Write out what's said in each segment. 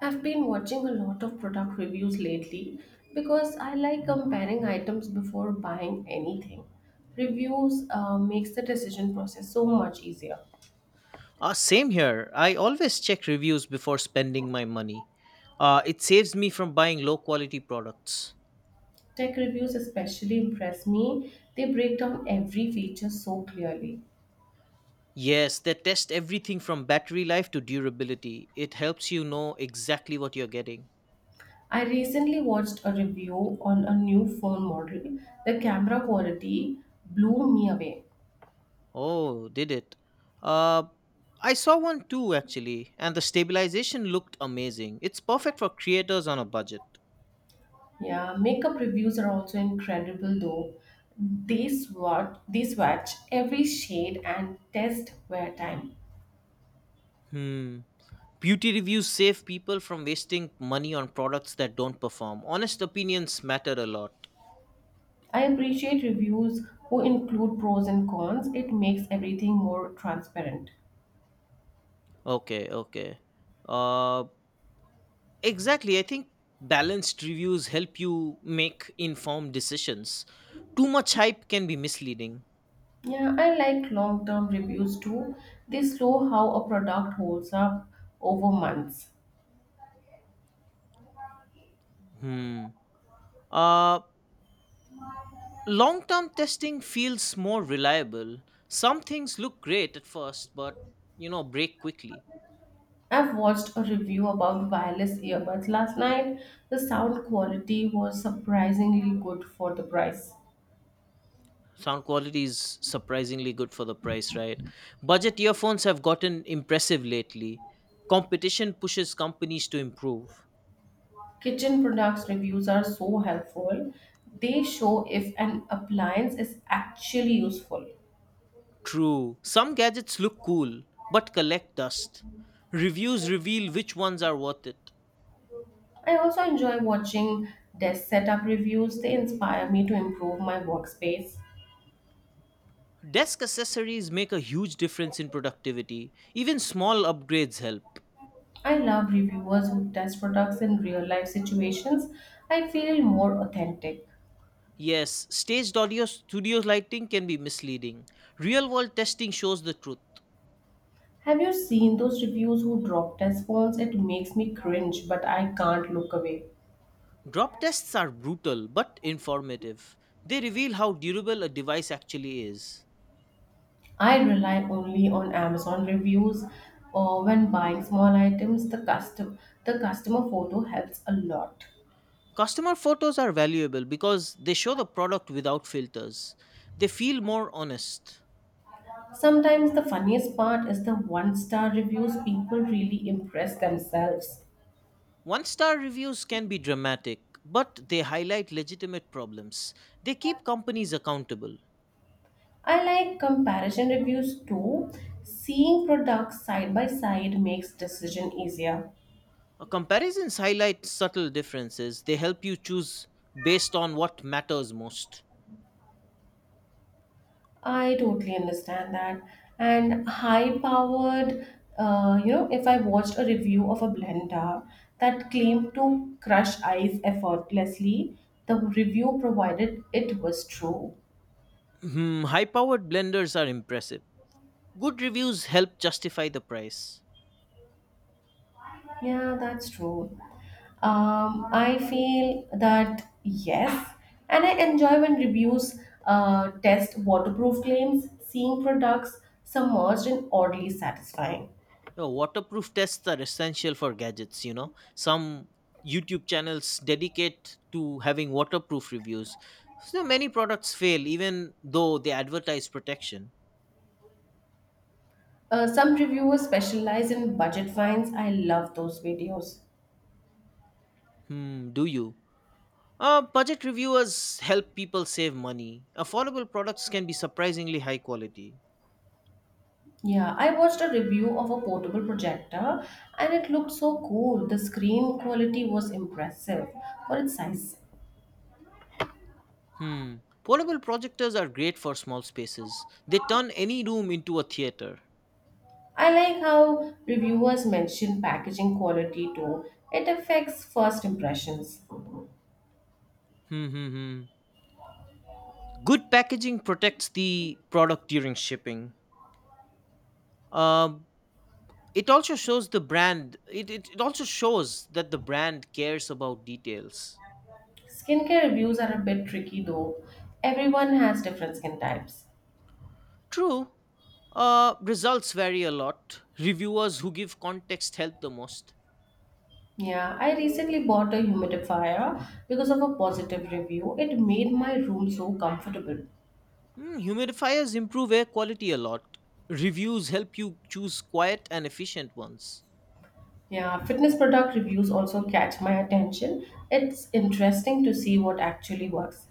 I've been watching a lot of product reviews lately because I like comparing items before buying anything. Reviews makes the decision process so much easier. Same here. I always check reviews before spending my money. It saves me from buying low quality products. Tech reviews especially impress me. They break down every feature so clearly. Yes, they test everything from battery life to durability. It helps you know exactly what you're getting. I recently watched a review on a new phone model. The camera quality blew me away. Oh, did it? Uh, I saw one too, actually, and the stabilization looked amazing. It's perfect for creators on a budget. Yeah, makeup reviews are also incredible though. They swatch every shade and test wear time. Hmm. Beauty reviews save people from wasting money on products that don't perform. Honest opinions matter a lot. I appreciate reviews who include pros and cons. It makes everything more transparent. Okay, okay. Uh, exactly. I think balanced reviews help you make informed decisions. Too much hype can be misleading. Yeah, I like long-term reviews too. They show how a product holds up over months. Hmm. Uh, Long term testing feels more reliable. Some things look great at first, but break quickly. I've watched a review about wireless earbuds last night. The sound quality was surprisingly good for the price. Sound quality is surprisingly good for the price, right? Budget earphones have gotten impressive lately. Competition pushes companies to improve. Kitchen products reviews are so helpful. They show if an appliance is actually useful. True, some gadgets look cool but collect dust. Reviews reveal which ones are worth it. I also enjoy watching desk setup reviews. They inspire me to improve my workspace. Desk accessories make a huge difference in productivity. Even small upgrades help. I love reviewers who test products in real life situations. I feel more authentic. Yes, staged audio studio lighting can be misleading. Real world testing shows the truth. Have you seen those reviews who drop test phones? It makes me cringe, but I can't look away. Drop tests are brutal but informative. They reveal how durable a device actually is. I rely only on Amazon reviews or when buying small items, the customer photo helps a lot. Customer photos are valuable because they show the product without filters. They feel more honest. Sometimes the funniest part is the one star reviews people really impress themselves. One star reviews can be dramatic, but they highlight legitimate problems. They keep companies accountable. I like comparison reviews too. Seeing products side by side makes decision easier. Comparisons highlight subtle differences. They help you choose based on what matters most. I totally understand that. And high powered, if I watched a review of a blender that claimed to crush ice effortlessly, the review provided it was true. Hmm, high powered blenders are impressive. Good reviews help justify the price. Yeah, that's true. I feel that yes, and I enjoy when reviews test waterproof claims, seeing products submerged and oddly satisfying. Waterproof tests are essential for gadgets. Some YouTube channels dedicate to having waterproof reviews. So many products fail even though they advertise protection. Some reviewers specialize in budget finds. I love those videos. Hmm, do you? Budget reviewers help people save money. Affordable products can be surprisingly high quality. Yeah, I watched a review of a portable projector and it looked so cool. The screen quality was impressive for its size. Hmm. Portable projectors are great for small spaces. They turn any room into a theater. I like how reviewers mention packaging quality too. It affects first impressions. Hmm, hmm, hmm. Good packaging protects the product during shipping. Um, it also shows the brand. It also shows that the brand cares about details. Skincare reviews are a bit tricky though. Everyone has different skin types. True. Results vary a lot. Reviewers who give context help the most. Yeah, I recently bought a humidifier because of a positive review. It made my room so comfortable. Hmm, humidifiers improve air quality a lot. Reviews help you choose quiet and efficient ones. Yeah, fitness product reviews also catch my attention. It's interesting to see what actually works.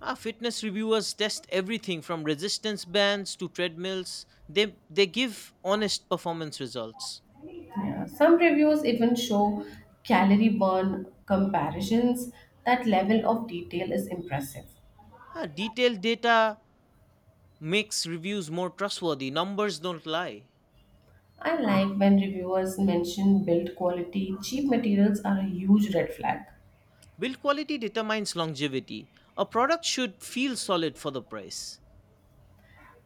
Ah, fitness reviewers test everything from resistance bands to treadmills. They give honest performance results. Yeah, some reviews even show calorie burn comparisons. That level of detail is impressive. Ah, detailed data makes reviews more trustworthy. Numbers don't lie. I like when reviewers mention build quality. Cheap materials are a huge red flag. Build quality determines longevity. A product should feel solid for the price.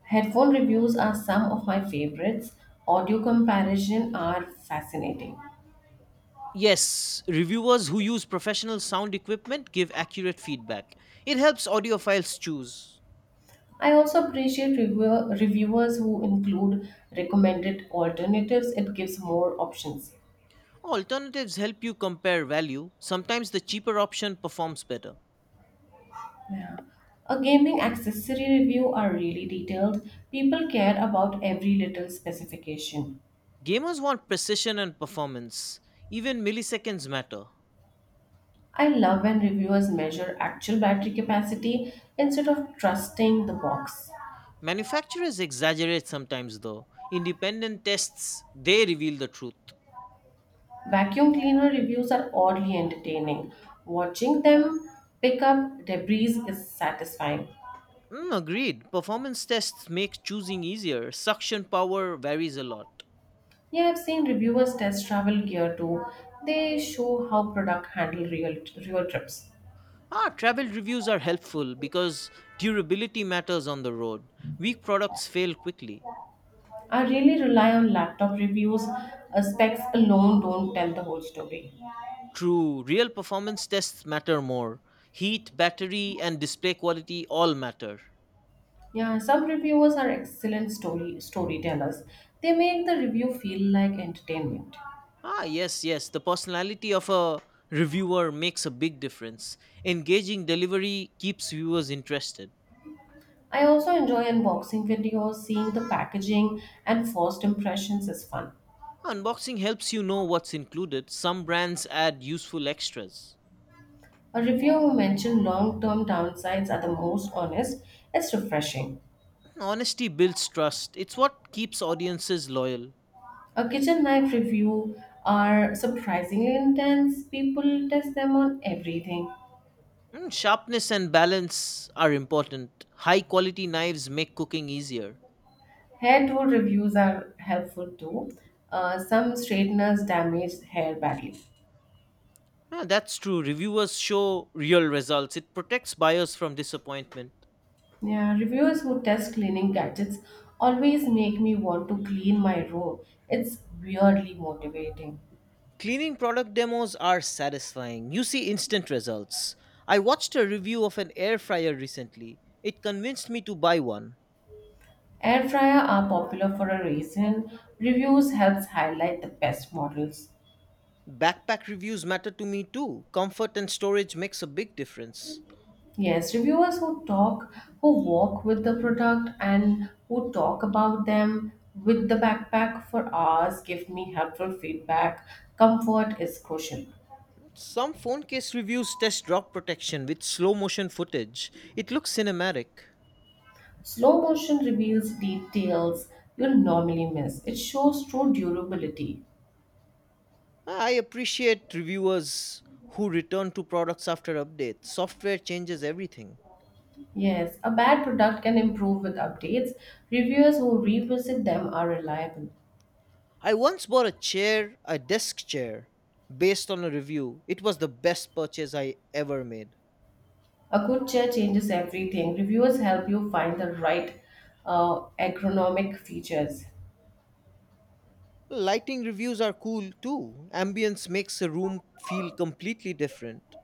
Headphone reviews are some of my favorites. Audio comparison are fascinating. Yes, reviewers who use professional sound equipment give accurate feedback. It helps audiophiles choose. I also appreciate reviewers who include recommended alternatives. It gives more options. Alternatives help you compare value. Sometimes the cheaper option performs better. Yeah. A gaming accessory review are really detailed. People care about every little specification. Gamers want precision and performance. Even milliseconds matter. I love when reviewers measure actual battery capacity instead of trusting the box. Manufacturers exaggerate sometimes though. Independent tests, they reveal the truth. Vacuum cleaner reviews are oddly entertaining. Watching them pick up debris is satisfying. Mm, agreed. Performance tests make choosing easier. Suction power varies a lot. Yeah, I've seen reviewers test travel gear too. They show how product handle real trips. Ah, travel reviews are helpful because durability matters on the road. Weak products fail quickly. I really rely on laptop reviews. Specs alone don't tell the whole story. True, real performance tests matter more. Heat, battery, and display quality all matter. Yeah, some reviewers are excellent storytellers. They make the review feel like entertainment. Ah, yes, yes, the personality of a reviewer makes a big difference. Engaging delivery keeps viewers interested. I also enjoy unboxing videos, seeing the packaging and first impressions is fun. Unboxing helps you know what's included. Some brands add useful extras. A reviewer who mentioned long-term downsides are the most honest. It's refreshing. Honesty builds trust. It's what keeps audiences loyal. A kitchen knife review are surprisingly intense. People test them on everything. Mm, sharpness and balance are important. High quality knives make cooking easier. Hair tool reviews are helpful too. Some straighteners damage hair badly. Ah, that's true. Reviewers show real results. It protects buyers from disappointment. Yeah, reviewers who test cleaning gadgets always make me want to clean my room. It's weirdly motivating. Cleaning product demos are satisfying. You see instant results. I watched a review of an air fryer recently. It convinced me to buy one. Air fryer are popular for a reason. Reviews helps highlight the best models. Backpack reviews matter to me too. Comfort and storage makes a big difference. Yes, who walk with the product and who talk about them with the backpack for hours give me helpful feedback. Comfort is crucial. Some phone case reviews test drop protection with slow motion footage. It looks cinematic. Slow motion reveals details you'll normally miss. It shows true durability. Ah, I appreciate reviewers who return to products after updates. Software changes everything. Yes, a bad product can improve with updates. Reviewers who revisit them are reliable. I once bought a chair, a desk chair, based on a review. It was the best purchase I ever made. A good chair changes everything. Reviewers help you find the right ergonomic features. Lighting reviews are cool too. Ambience makes a room feel completely different.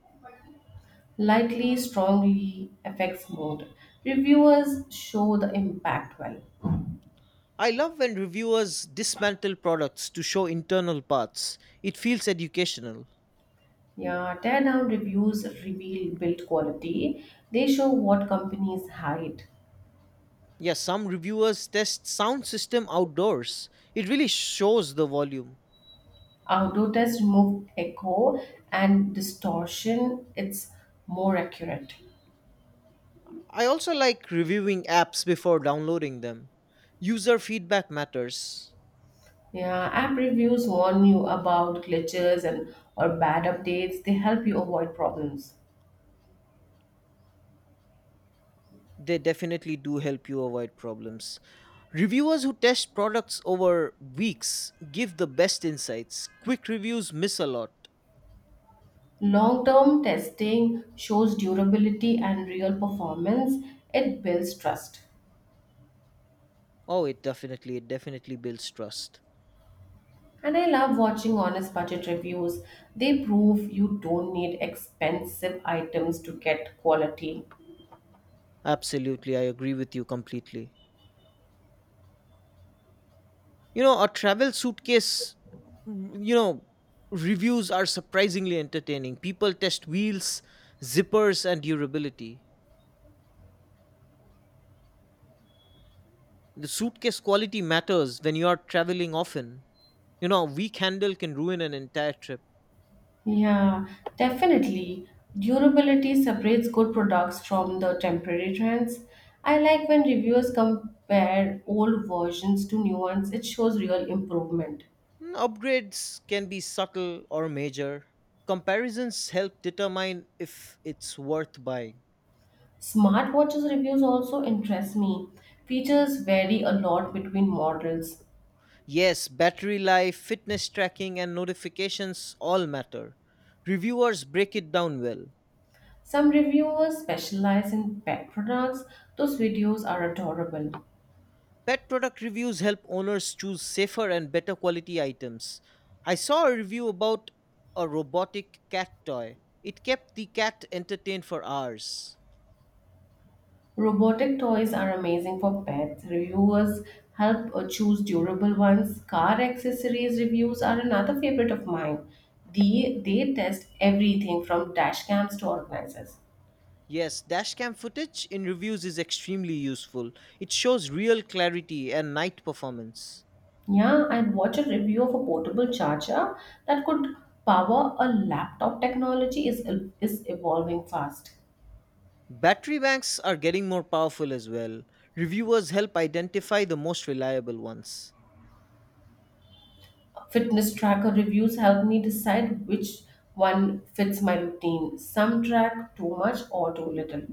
Likely strongly affects mood. Reviewers show the impact well. I love when reviewers dismantle products to show internal parts. It feels educational. Yeah, teardown reviews reveal build quality. They show what companies hide. Yes, some reviewers test sound system outdoors. It really shows the volume. Outdoor tests remove echo and distortion. It's more accurate. I also like reviewing apps before downloading them. User feedback matters. Yeah, app reviews warn you about glitches and or bad updates. They help you avoid problems. They definitely do help you avoid problems. Reviewers who test products over weeks give the best insights. Quick reviews miss a lot. Long-term testing shows durability and real performance. It builds trust. Oh, it definitely builds trust. And I love watching honest budget reviews. They prove you don't need expensive items to get quality. Absolutely, I agree with you completely. A travel suitcase, mm, you know, reviews are surprisingly entertaining. People test wheels, zippers, and durability. The suitcase quality matters when you are traveling often. A weak handle can ruin an entire trip. Yeah, definitely. Durability separates good products from the temporary trends. I like when reviewers compare old versions to new ones, it shows real improvement. Mm, upgrades can be subtle or major. Comparisons help determine if it's worth buying. Smartwatches reviews also interest me. Features vary a lot between models. Yes, battery life, fitness tracking, and notifications all matter. Reviewers break it down well. Some reviewers specialize in pet products. Those videos are adorable. Pet product reviews help owners choose safer and better quality items. I saw a review about a robotic cat toy. It kept the cat entertained for hours. Robotic toys are amazing for pets. Reviewers help choose durable ones. Car accessories reviews are another favorite of mine. They test everything from dash cams to organizers. Yes, dashcam footage in reviews is extremely useful. It shows real clarity and night performance. Yeah, I watched a review of a portable charger that could power a laptop. Technology is evolving fast. Battery banks are getting more powerful as well. Reviewers help identify the most reliable ones. Fitness tracker reviews help me decide which one fits my routine. Some track too much or too little.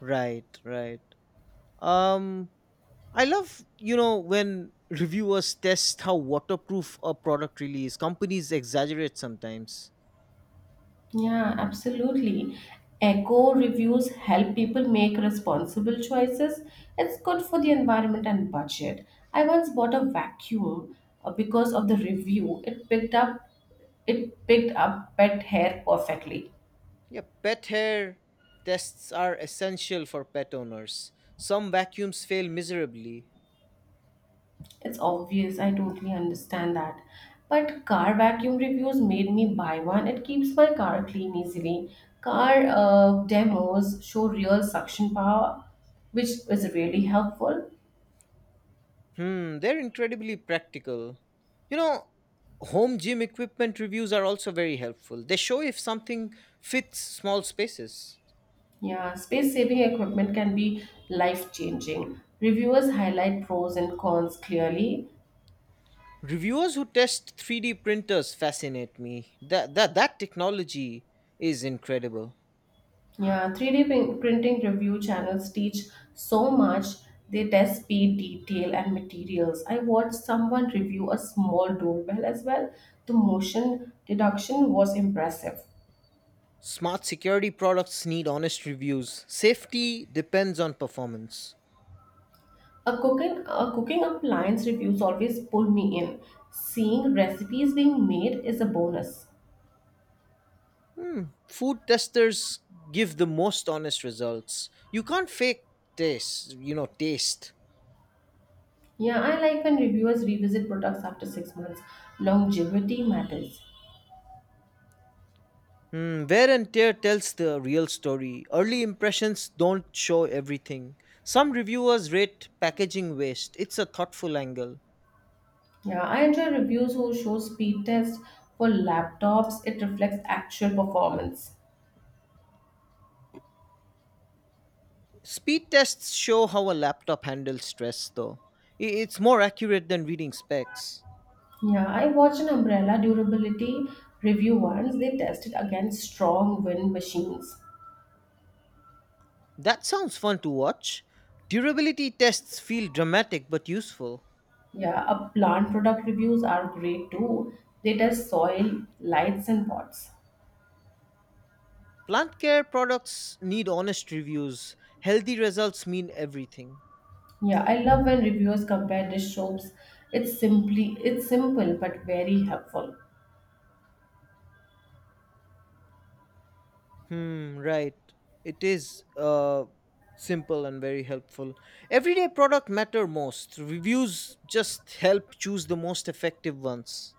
Right, right. Um I love, when reviewers test how waterproof a product really is. Companies exaggerate sometimes. Yeah, absolutely. Eco reviews help people make responsible choices. It's good for the environment and budget. I once bought a vacuum because of the review. It picked up pet hair perfectly. Yeah, pet hair tests are essential for pet owners. Some vacuums fail miserably. It's obvious, I totally understand that. But car vacuum reviews made me buy one. It keeps my car clean easily. Car demos show real suction power, which is really helpful. Hmm, they're incredibly practical. You know, Home gym equipment reviews are also very helpful. They show if something fits small spaces. Yeah, space saving equipment can be life changing. Reviewers highlight pros and cons clearly. Reviewers who test 3D printers fascinate me. That technology is incredible. Yeah, 3D printing review channels teach so much. They test speed, detail, and materials. I watched someone review a small doorbell as well. The motion deduction was impressive. Smart security products need honest reviews. Safety depends on performance. A cooking appliance reviews always pull me in. Seeing recipes being made is a bonus. Hmm. Food testers give the most honest results. You can't fake taste. Yeah, I like when reviewers revisit products after 6 months. Longevity matters. Hmm, wear and tear tells the real story. Early impressions don't show everything. Some reviewers rate packaging waste. It's a thoughtful angle. Yeah, I enjoy reviews who show speed tests for laptops. It reflects actual performance. Speed tests show how a laptop handles stress, though. It's more accurate than reading specs. Yeah, I watched an umbrella durability review once. They tested against strong wind machines. That sounds fun to watch. Durability tests feel dramatic but useful. Yeah, a plant product reviews are great too. They test soil, lights, and pots. Plant care products need honest reviews. Healthy results mean everything. Yeah, I love when reviewers compare dish soaps. It's simple but very helpful. Hmm, right. It is simple and very helpful. Everyday product matter most. Reviews just help choose the most effective ones.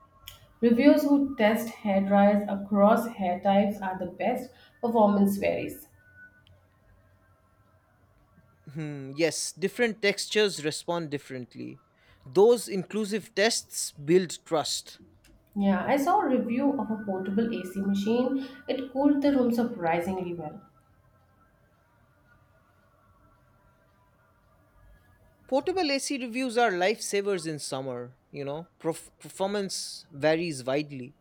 Reviewers who test hair dryers across hair types are the best. Performance varies. Hmm, yes, different textures respond differently. Those inclusive tests build trust. Yeah, I saw a review of a portable AC machine. It cooled the room surprisingly well. Portable AC reviews are lifesavers in summer. Performance varies widely.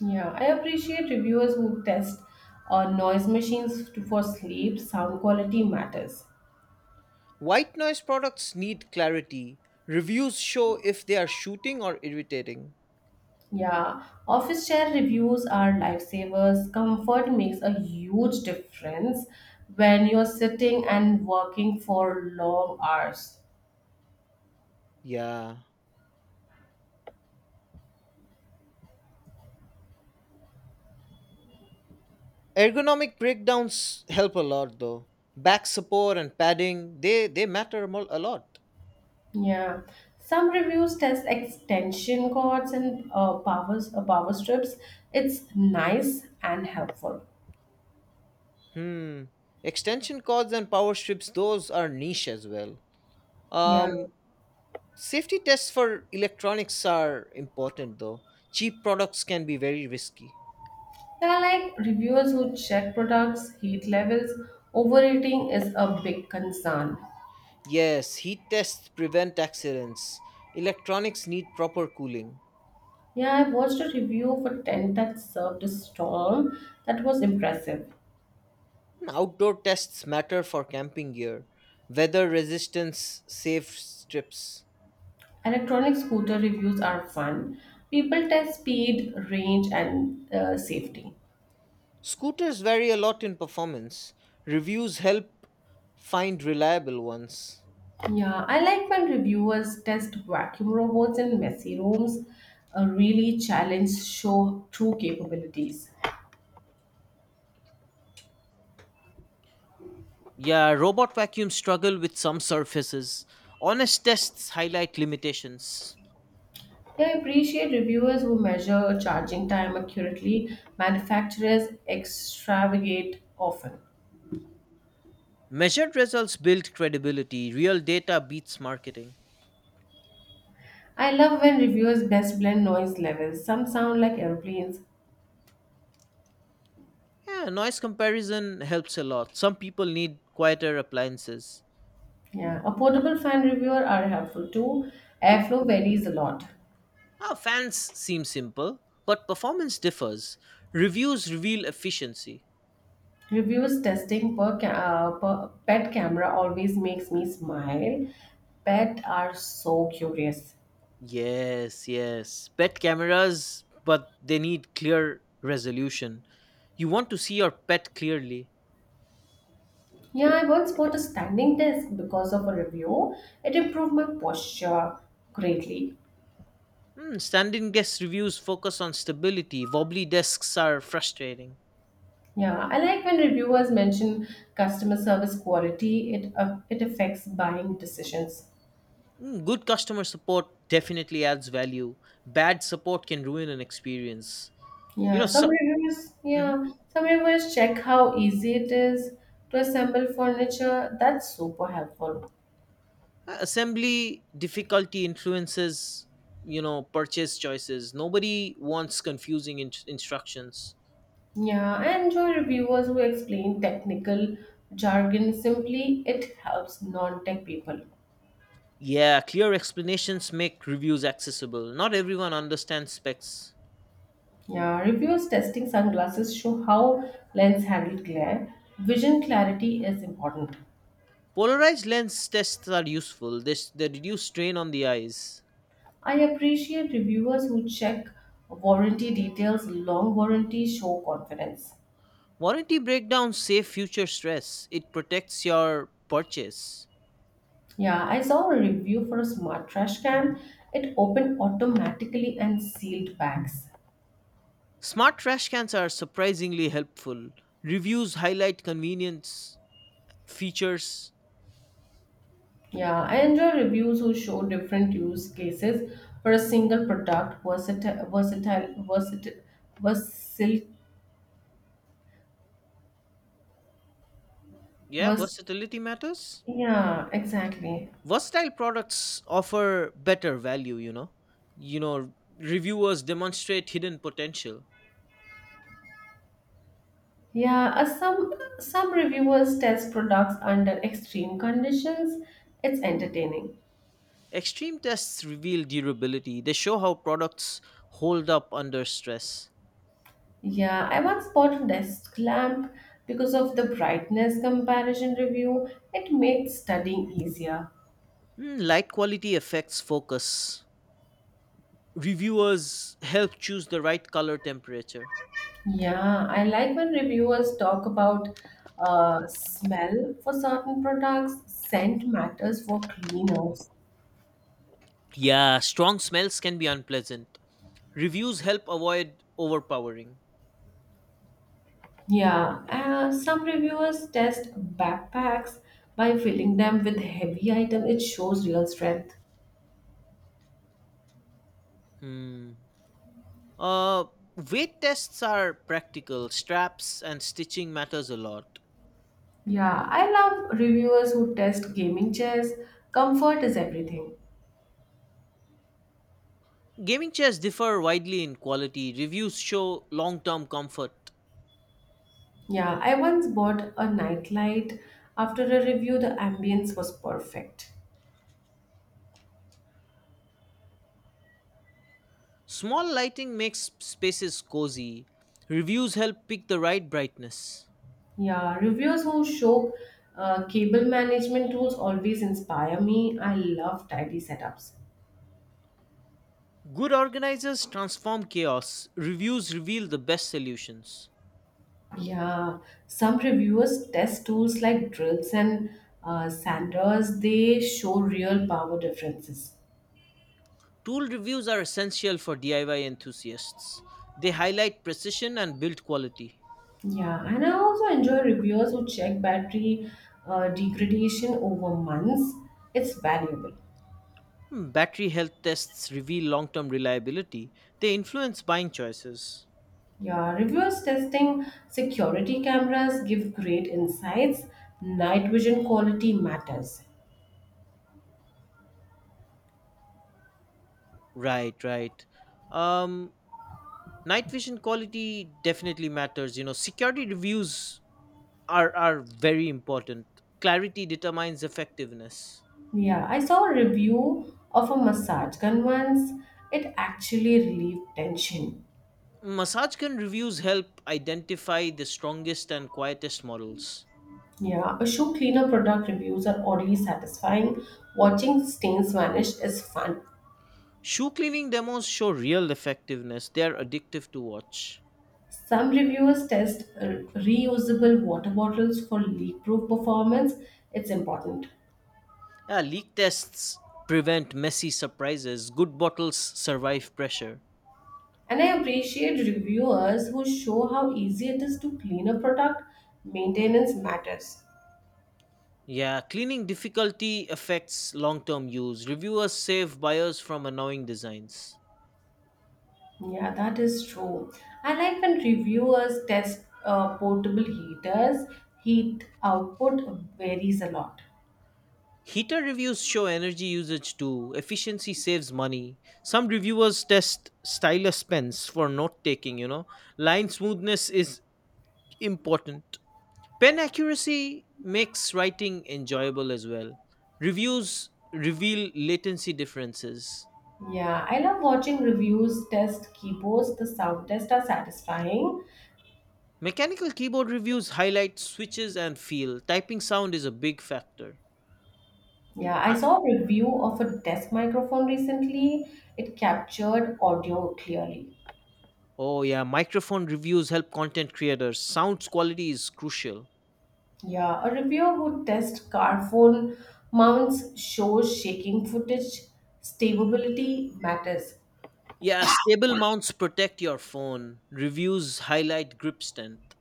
Yeah, I appreciate reviewers who test noise machines for sleep. Sound quality matters. White noise products need clarity. Reviews show if they are shooting or irritating. Yeah, office chair reviews are lifesavers. Comfort makes a huge difference when you're sitting and working for long hours. Yeah. Ergonomic breakdowns help a lot though. Back support and padding, they matter a lot. Yeah, some reviews test extension cords and power strips. It's nice and helpful. Hmm. Extension cords and power strips, those are niche as well. Yeah, Um, Safety tests for electronics are important though. Cheap products can be very risky. there are like reviewers who check products, heat levels. Overeating is a big concern. Yes, heat tests prevent accidents. Electronics need proper cooling. Yeah, I watched a review of a tent that served a storm. That was impressive. Outdoor tests matter for camping gear. Weather resistance safe strips. Electronic scooter reviews are fun. People test speed, range, and safety. Scooters vary a lot in performance. Reviews help find reliable ones. Yeah, I like when reviewers test vacuum robots in messy rooms, really challenge show true capabilities. Yeah, robot vacuums struggle with some surfaces. Honest tests highlight limitations. Yeah, I appreciate reviewers who measure charging time accurately. Manufacturers extravagate often. Measured results build credibility. Real data beats marketing. I love when reviewers best blend noise levels. Some sound like airplanes. Yeah, noise comparison helps a lot. Some people need quieter appliances. Yeah, a portable fan reviewer are helpful too. Airflow varies a lot. Ah, fans seem simple, but performance differs. Reviews reveal efficiency. Reviews testing per pet camera always makes me smile. Pet are so curious. Yes, yes. Pet cameras, but they need clear resolution. You want to see your pet clearly. Yeah, I once bought a standing desk because of a review. It improved my posture greatly. Hmm, standing desk reviews focus on stability. Wobbly desks are frustrating. Yeah, I like when reviewers mention customer service quality. It affects buying decisions. Hmm, good customer support definitely adds value. Bad support can ruin an experience. You Yeah, know, some so. reviewers, Mhm. yeah, some reviewers check how easy it is to assemble furniture. That's super helpful. Assembly difficulty influences purchase choices. Nobody wants confusing instructions. Yeah, I enjoy reviewers who explain technical jargon simply. It helps non-tech people. Yeah, clear explanations make reviews accessible. Not everyone understands specs. Yeah, reviewers testing sunglasses show how lens handle glare. Vision clarity is important. Polarized lens tests are useful. They reduce strain on the eyes. I appreciate reviewers who check warranty details. Long warranties show confidence. Warranty breakdowns save future stress. It protects your purchase. Yeah, I saw a review for a smart trash can. It opened automatically and sealed bags. Smart trash cans are surprisingly helpful. Reviews highlight convenience features. Yeah, I enjoy reviews who show different use cases for a single product, versil, Yeah, vers, versatility matters. yeah, exactly. Versatile products offer better value. Reviewers demonstrate hidden potential. Yeah, some reviewers test products under extreme conditions. It's entertaining. Extreme tests reveal durability. They show how products hold up under stress. Yeah, I once bought a desk lamp because of the brightness comparison review. It made studying easier. Mm, light quality affects focus. Reviewers help choose the right color temperature. Yeah, I like when reviewers talk about smell for certain products, scent matters for cleaners. Yeah, strong smells can be unpleasant. Reviews help avoid overpowering. Yeah, some reviewers test backpacks by filling them with heavy item. It shows real strength. Hmm. Uh, Weight tests are practical. Straps and stitching matters a lot. Yeah, I love reviewers who test gaming chairs. Comfort is everything. Gaming chairs differ widely in quality. Reviews show long-term comfort. Yeah, I once bought a nightlight. After a review, the ambience was perfect. Small lighting makes spaces cozy. Reviews help pick the right brightness. Yeah, reviewers who show cable management tools always inspire me. I love tidy setups. Good organizers transform chaos. Reviews reveal the best solutions. Yeah, some reviewers test tools like drills and sanders. They show real power differences. Tool reviews are essential for DIY enthusiasts. They highlight precision and build quality. Yeah, and I also enjoy reviewers who check battery degradation over months. It's valuable. Hmm, battery health tests reveal long term reliability. They influence buying choices. Yeah, reviewers testing security cameras give great insights. Night vision quality matters. Right, right. Um, Night vision quality definitely matters. Security reviews are very important. Clarity determines effectiveness. Yeah, I saw a review of a massage gun once. It actually relieved tension. MassageCon reviews help identify the strongest and quietest models. Yeah, a shoe cleaner product reviews are oddly satisfying. Watching stains vanish is fun. Shoe cleaning demos show real effectiveness. They are addictive to watch. Some reviewers test reusable water bottles for leak-proof performance. It's important. Yeah, leak tests prevent messy surprises. Good bottles survive pressure. And I appreciate reviewers who show how easy it is to clean a product. Maintenance matters. Yeah, cleaning difficulty affects long term use. Reviewers save buyers from annoying designs. Yeah, that is true. I like when reviewers test portable heaters, heat output varies a lot. Heater reviews show energy usage too. Efficiency saves money. Some reviewers test stylus pens for note taking. Line smoothness is important. Pen accuracy makes writing enjoyable as well. Reviews reveal latency differences. Yeah, I love watching reviews test keyboards. The sound tests are satisfying. Mechanical keyboard reviews highlight switches and feel. Typing sound is a big factor. Yeah, I I- saw a review of a desk microphone recently. It captured audio clearly. Oh, yeah, microphone reviews help content creators. Sound quality is crucial. Yeah, a reviewer who tests car phone mounts shows shaking footage. Stability matters. Yeah, stable mounts protect your phone. Reviews highlight grip strength.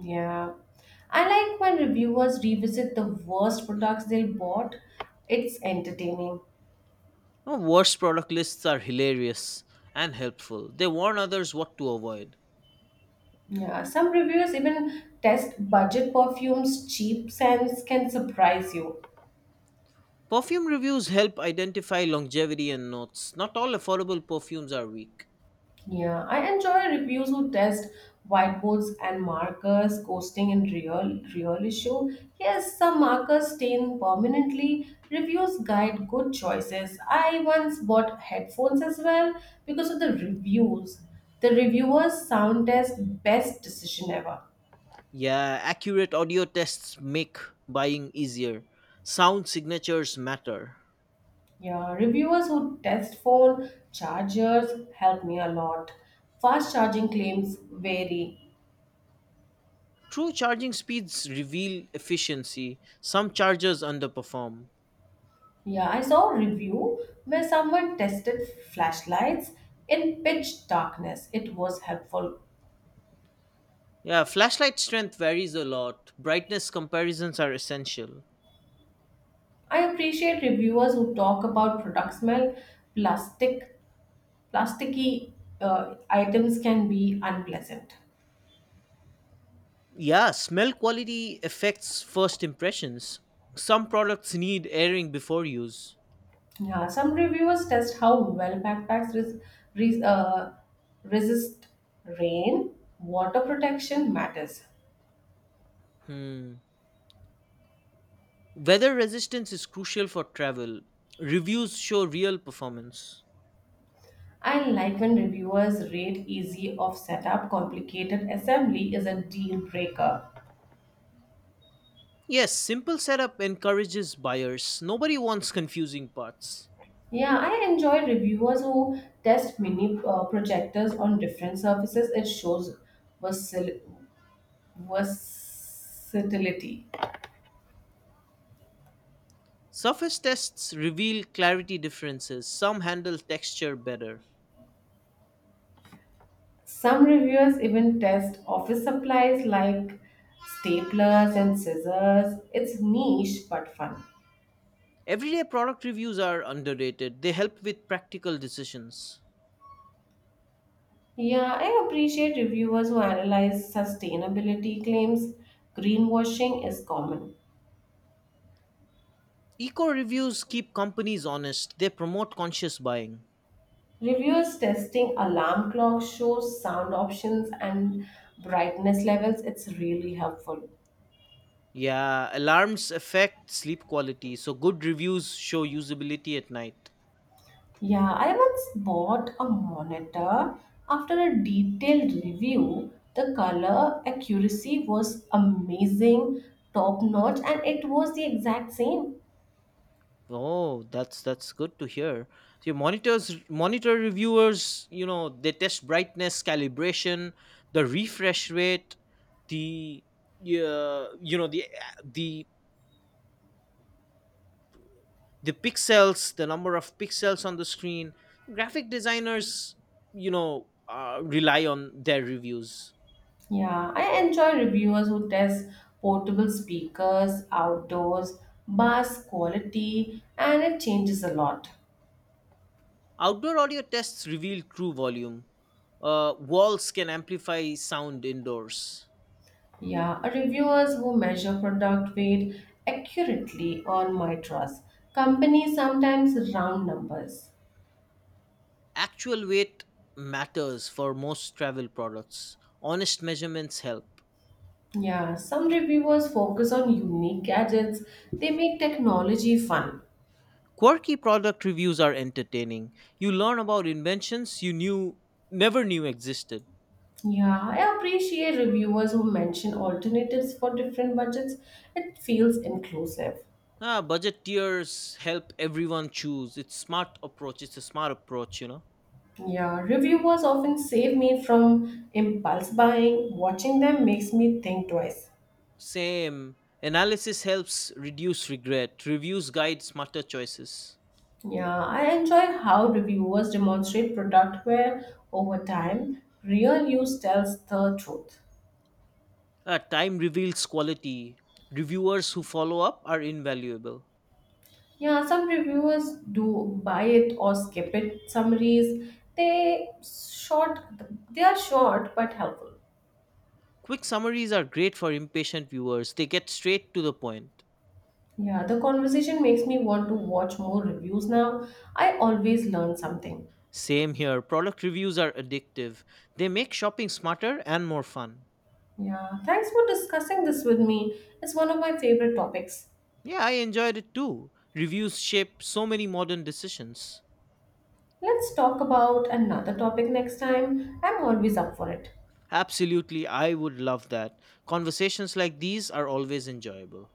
Yeah. I like when reviewers revisit the worst products they bought. It's entertaining. Oh, worst product lists are hilarious and helpful. They warn others what to avoid. Yeah. Some reviewers even test budget perfumes, cheap scents can surprise you. Perfume reviews help identify longevity and notes. Not all affordable perfumes are weak. Yeah, I enjoy reviews who test whiteboards and markers, coasting in real issue. Yes, some markers stain permanently. Reviews guide good choices. I once bought headphones as well because of the reviews. The reviewers sound test best decision ever. Yeah, accurate audio tests make buying easier. Sound signatures matter. Yeah, reviewers who test phone chargers help me a lot. Fast charging claims vary. True charging speeds reveal efficiency. Some chargers underperform. Yeah, I saw a review where someone tested flashlights in pitch darkness. It was helpful. Yeah, flashlight strength varies a lot. Brightness comparisons are essential. I appreciate reviewers who talk about product smell. Plastic, plasticky items can be unpleasant. Yeah, smell quality affects first impressions. Some products need airing before use. Yeah, some reviewers test how well backpacks res- uh, resist rain. Water protection matters. Hmm. Weather resistance is crucial for travel. Reviews show real performance. I like when reviewers rate easy of setup. Complicated assembly is a deal breaker. Yes, simple setup encourages buyers. Nobody wants confusing parts. Yeah, I enjoy reviewers who test mini projectors on different surfaces. It shows versil- versatility. Surface tests reveal clarity differences. Some handle texture better. Some reviewers even test office supplies like staplers and scissors. It's niche but fun. Everyday product reviews are underrated. They help with practical decisions. Yeah, I appreciate reviewers who analyze sustainability claims. Greenwashing is common. Eco reviews keep companies honest. They promote conscious buying. Reviewers testing alarm clock shows, sound options, and brightness levels. It's really helpful. Yeah, alarms affect sleep quality, so good reviews show usability at night. Yeah, I once bought a monitor. After a detailed review, the color accuracy was amazing, top notch, and it was the exact same. Oh, that's good to hear. So your monitor reviewers, they test brightness, calibration, the refresh rate, the yeah, you know, the the pixels the number of pixels on the screen. Graphic designers rely on their reviews. Yeah, I enjoy reviewers who test portable speakers, outdoors, bass quality, and it changes a lot. Outdoor audio tests reveal true volume. Walls can amplify sound indoors. Yeah, reviewers who measure product weight accurately earn my trust. Companies sometimes round numbers. Actual weight matters for most travel products. Honest measurements help. Yeah, some reviewers focus on unique gadgets. They make technology fun. Quirky product reviews are entertaining. You learn about inventions you knew never knew existed. Yeah, I appreciate reviewers who mention alternatives for different budgets. It feels inclusive. Ah, budget tiers help everyone choose. It's smart approach. It's a smart approach. Yeah, reviewers often save me from impulse buying. Watching them makes me think twice. Same analysis helps reduce regret. Reviews guide smarter choices. Yeah, I enjoy how reviewers demonstrate product where over time real use tells the truth. Ah, time reveals quality. Reviewers who follow up are invaluable. Yeah, some reviewers do buy it or skip it. Summaries, they short they are short but helpful. Quick summaries are great for impatient viewers. They get straight to the point. Yeah, the conversation makes me want to watch more reviews now. I always learn something. Same here. Product reviews are addictive. They make shopping smarter and more fun. Yeah, thanks for discussing this with me. It's one of my favorite topics. Yeah, I enjoyed it too. Reviews shape so many modern decisions. Let's talk about another topic next time. I'm always up for it. Absolutely, I would love that. Conversations like these are always enjoyable.